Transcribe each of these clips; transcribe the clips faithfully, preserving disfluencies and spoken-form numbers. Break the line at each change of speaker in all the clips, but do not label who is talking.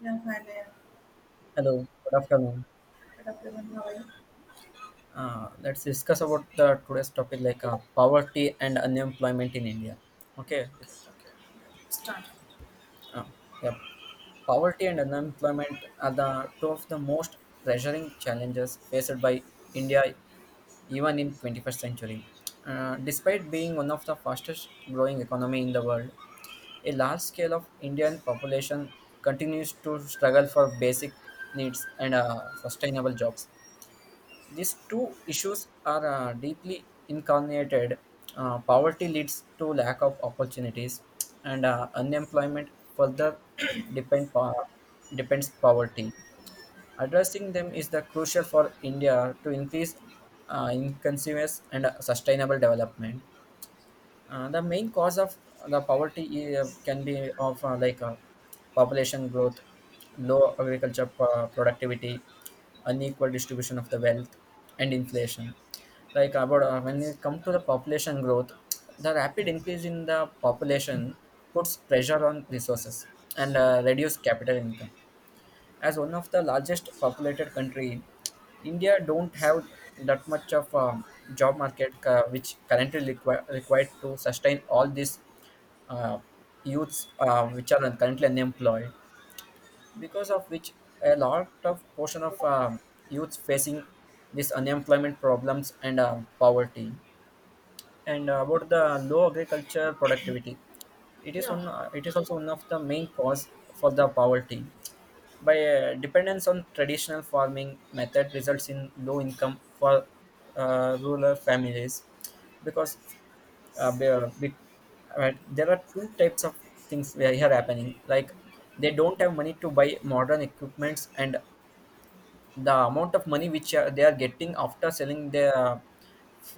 Yeah, finally,
Hello, good afternoon.
I'm at a present how I.
Uh, let's discuss about the today's topic like uh, poverty and unemployment in India. Okay, it's
Okay, start.
uh, yeah, poverty and unemployment are the two of the most pressuring challenges faced by India even in twenty-first century. Uh, despite being one of the fastest growing economy in the world, a large scale of Indian population continues to struggle for basic needs and uh, sustainable jobs. These two issues are uh, deeply incarnated. Uh, poverty leads to lack of opportunities, and uh, unemployment further depend po- depends poverty. Addressing them is the crucial for India to increase uh, inclusiveness and uh, sustainable development. Uh, the main cause of the poverty uh, can be of uh, like uh, population growth, low agriculture uh, productivity, unequal distribution of the wealth, and inflation. Like about uh, when it comes to the population growth, the rapid increase in the population puts pressure on resources and uh, reduce capital income as one of the largest populated country. India don't have that much of um, job market uh, which currently require, required to sustain all these uh, youths uh, which are currently unemployed, because of which a lot of portion of um youths facing this unemployment problems and uh, poverty. And uh, about the low agriculture productivity, it is one uh, it is also one of the main cause for the poverty by uh, dependence on traditional farming method results in low income for uh, rural families, because uh, be- uh, be- right, there are two types of things where here happening, like they don't have money to buy modern equipments, and the amount of money which uh, they are getting after selling their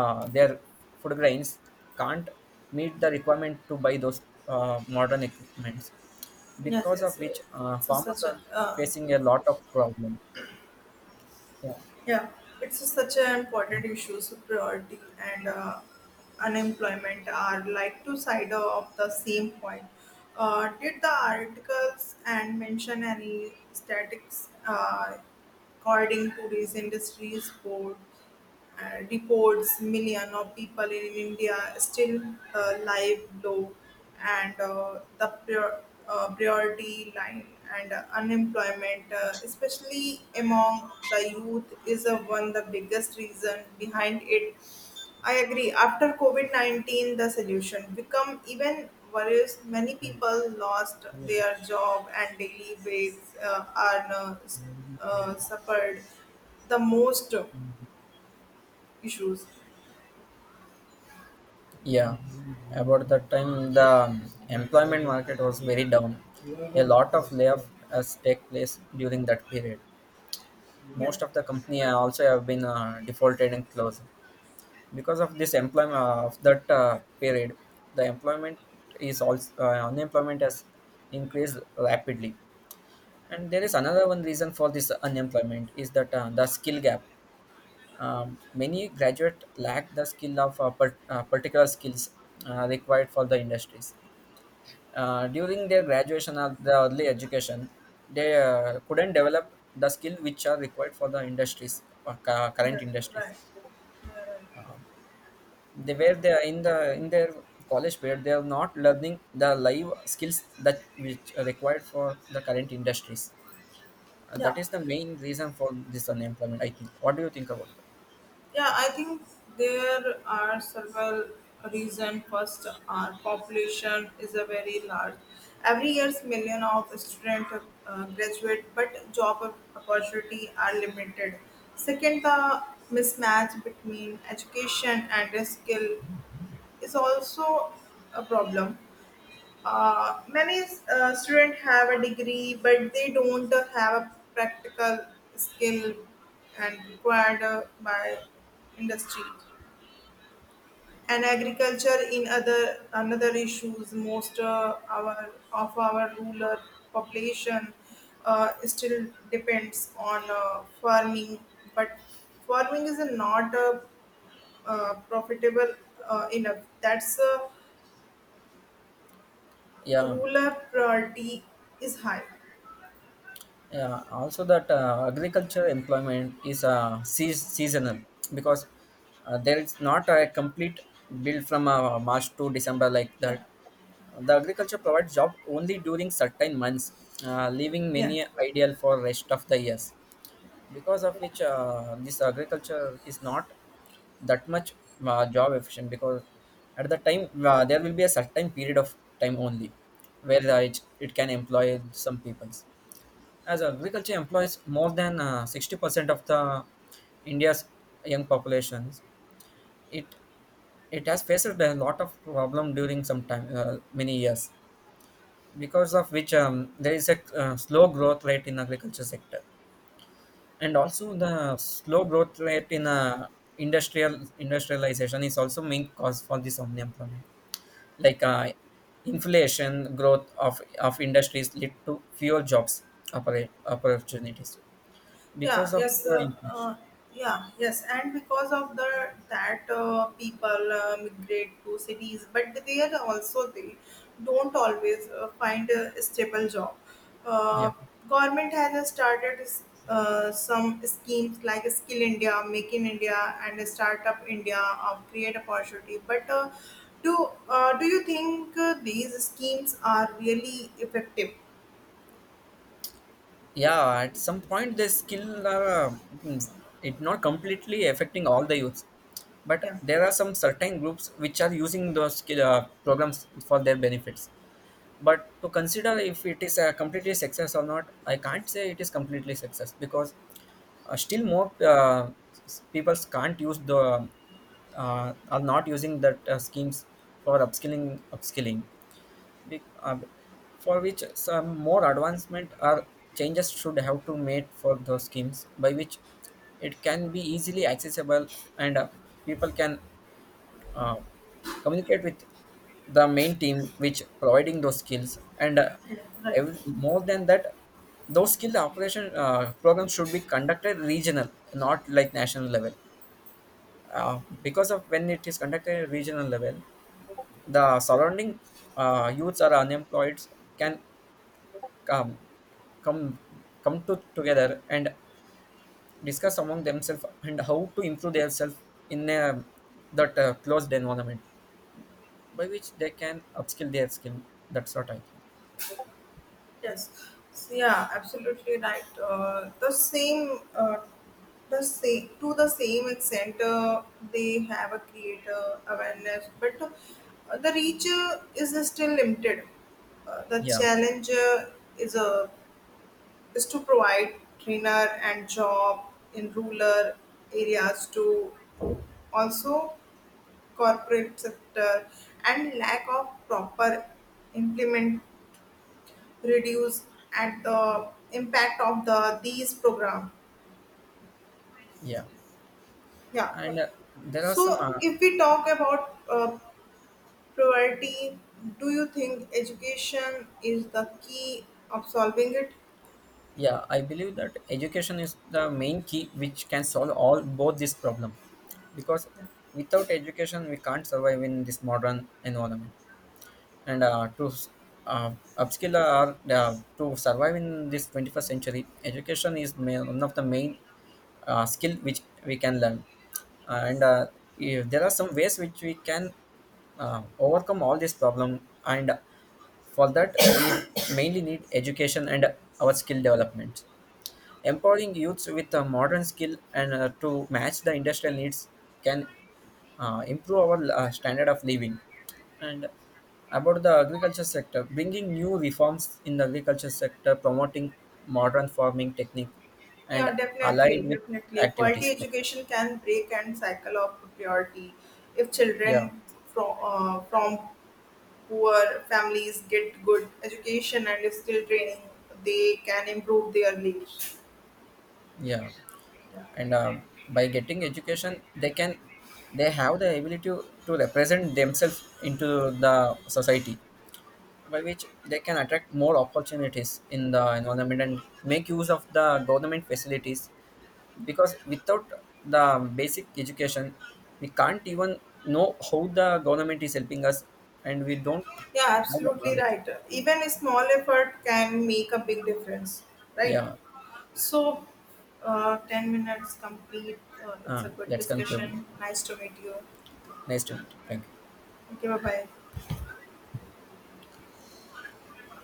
uh, their food grains can't meet the requirement to buy those uh, modern equipments,
yes
because of
yes uh,
which uh,
it's a
farmers
such
are
a uh,
facing a lot of problem. Yeah,
Yeah, it's a such an important issue. So priority and uh, unemployment are like two sides of the same coin. Uh, did the articles and mention any statistics uh, according to these industries board? Uh, deports million of people in India still uh, live low, and uh, the prior, uh, priority line and uh, unemployment, uh, especially among the youth, is uh, one the biggest reason behind it. I agree. After COVID nineteen, the solution become even worse. Many people lost their job and daily wages uh, are uh, s- uh, suffered the most issues.
yeah, about that time the employment market was very down, a lot of layoff has take place during that period.
Yeah,
Most of the company also have been uh, defaulted and closed, because of this employment uh, of that uh, period the employment is also uh, unemployment has increased rapidly. And there is another one reason for this unemployment is that uh, the skill gap. Um, many graduate lack the skill of uh, per, uh, particular skills uh, required for the industries uh, during their graduation or the early education. They uh, couldn't develop the skill which are required for the industries, uh, cu-
that
current
right. Yeah,
industries.
right. Uh,
They where they are in the in their college period, they are not learning the live skills that which are required for the current industries. Uh,
yeah,
that is the main reason for this unemployment, I think. What do you think about that?
yeah. I think there are several reasons. First, our population is a very large. Every year, million of students uh, graduate, but job op- opportunity are limited. Second, the mismatch between education and skill is also a problem. Uh, many uh, students have a degree, but they don't uh, have a practical skill and required uh, by industry. And agriculture in other another issues. Most uh, Our of our rural population uh, still depends on uh, farming, but farming is not uh, uh, profitable uh, enough. That's uh,
Yeah,
rural priority is high.
yeah, also that uh, agriculture employment is uh, seas- seasonal, because uh, there is not a complete build from uh, march to december, like
Yeah.
that the agriculture provides job only during certain months, uh, leaving
yeah
many ideal for rest of the years, because of which uh, this agriculture is not that much uh, job efficient, because at the time uh, there will be a certain period of time only where uh, it, it can employ some peoples. As agriculture employs more than uh, sixty percent of the india's young populations, it it has faced a lot of problem during some time, uh, many years, because of which um, there is a uh, slow growth rate in agriculture sector. And also the slow growth rate in uh, industrial industrialization is also main cause for this unemployment, like uh, inflation growth of of industries lead to fewer jobs oppor- opportunities,
yeah
because of
yes
the
uh,
inflation.
uh, yeah yes, and because of the that, uh, people uh, migrate to cities, but they are also they don't always uh, find a stable job.
Yeah,
Uh, government has uh, started uh, some schemes like Skill India, Make in India and Startup India, of create opportunity. But uh, do uh, do you think uh, these schemes are really effective?
yeah, at some point the skill are uh, mm, it not completely affecting all the youths, but
yeah
there are some certain groups which are using those skill, uh, programs for their benefits. But to consider if it is a completely success or not, I can't say it is completely success, because uh, still more uh, s- people can't use the uh, are not using that uh, schemes for upskilling upskilling Be- uh, for which some more advancement or changes should have to made for those schemes, by which it can be easily accessible, and uh, people can uh, communicate with the main team which providing those skills. And uh,
yeah, Right.
ev- more than that, those skill operation uh, programs should be conducted regional, not like national level, uh, because of when it is conducted at regional level, the surrounding uh, youths or unemployed can come come come to together and discuss among themselves and how to improve themselves in a, that uh, closed environment, by which they can upskill their skill. That's what I think.
Yes. So, yeah, absolutely right. Uh, the same, uh, the same to the same extent, uh, they have a creator awareness, but uh, the reach uh, is still limited. Uh, the
Yeah,
challenge uh, is a is to provide trainer and job in rural areas to also corporate sector, and lack of proper implement reduce at the impact of the these program.
yeah.
Yeah.
And uh, there are some,
So
uh,
if we talk about uh, priority, do you think education is the key of solving it?
yeah, I believe that education is the main key which can solve all both this problem, because without education we can't survive in this modern environment. And uh, to s- uh, upskill or uh, to survive in this twenty-first century, education is ma- one of the main uh, skill which we can learn. And uh, yeah, there are some ways which we can uh, overcome all this problem, and for that we mainly need education and our skill development. Empowering youths with uh, modern skill and uh, to match the industrial needs can uh, improve our uh, standard of living. And about the agriculture sector, bringing new reforms in the agriculture sector, promoting modern farming technique, and
Yeah, definitely,
allied with
definitely
activities.
quality
Like
education can break and cycle of poverty. If children
yeah,
from uh, from poor families get good education and skill training, they can improve their lives.
yeah,
Yeah,
and
right.
um, by getting education, they can they have the ability to represent themselves into the society, by which they can attract more opportunities in the environment and make use of the government facilities, because without the basic education we can't even know how the government is helping us, and we don't
Yeah,
have the
absolutely
knowledge.
right. Even a small effort can make a big difference, right?
Yeah,
So, uh, ten minutes complete. Uh, it's a
uh,
good
let's conclude.
discussion. Nice to meet you.
Nice to meet you, thank you.
Okay, bye bye.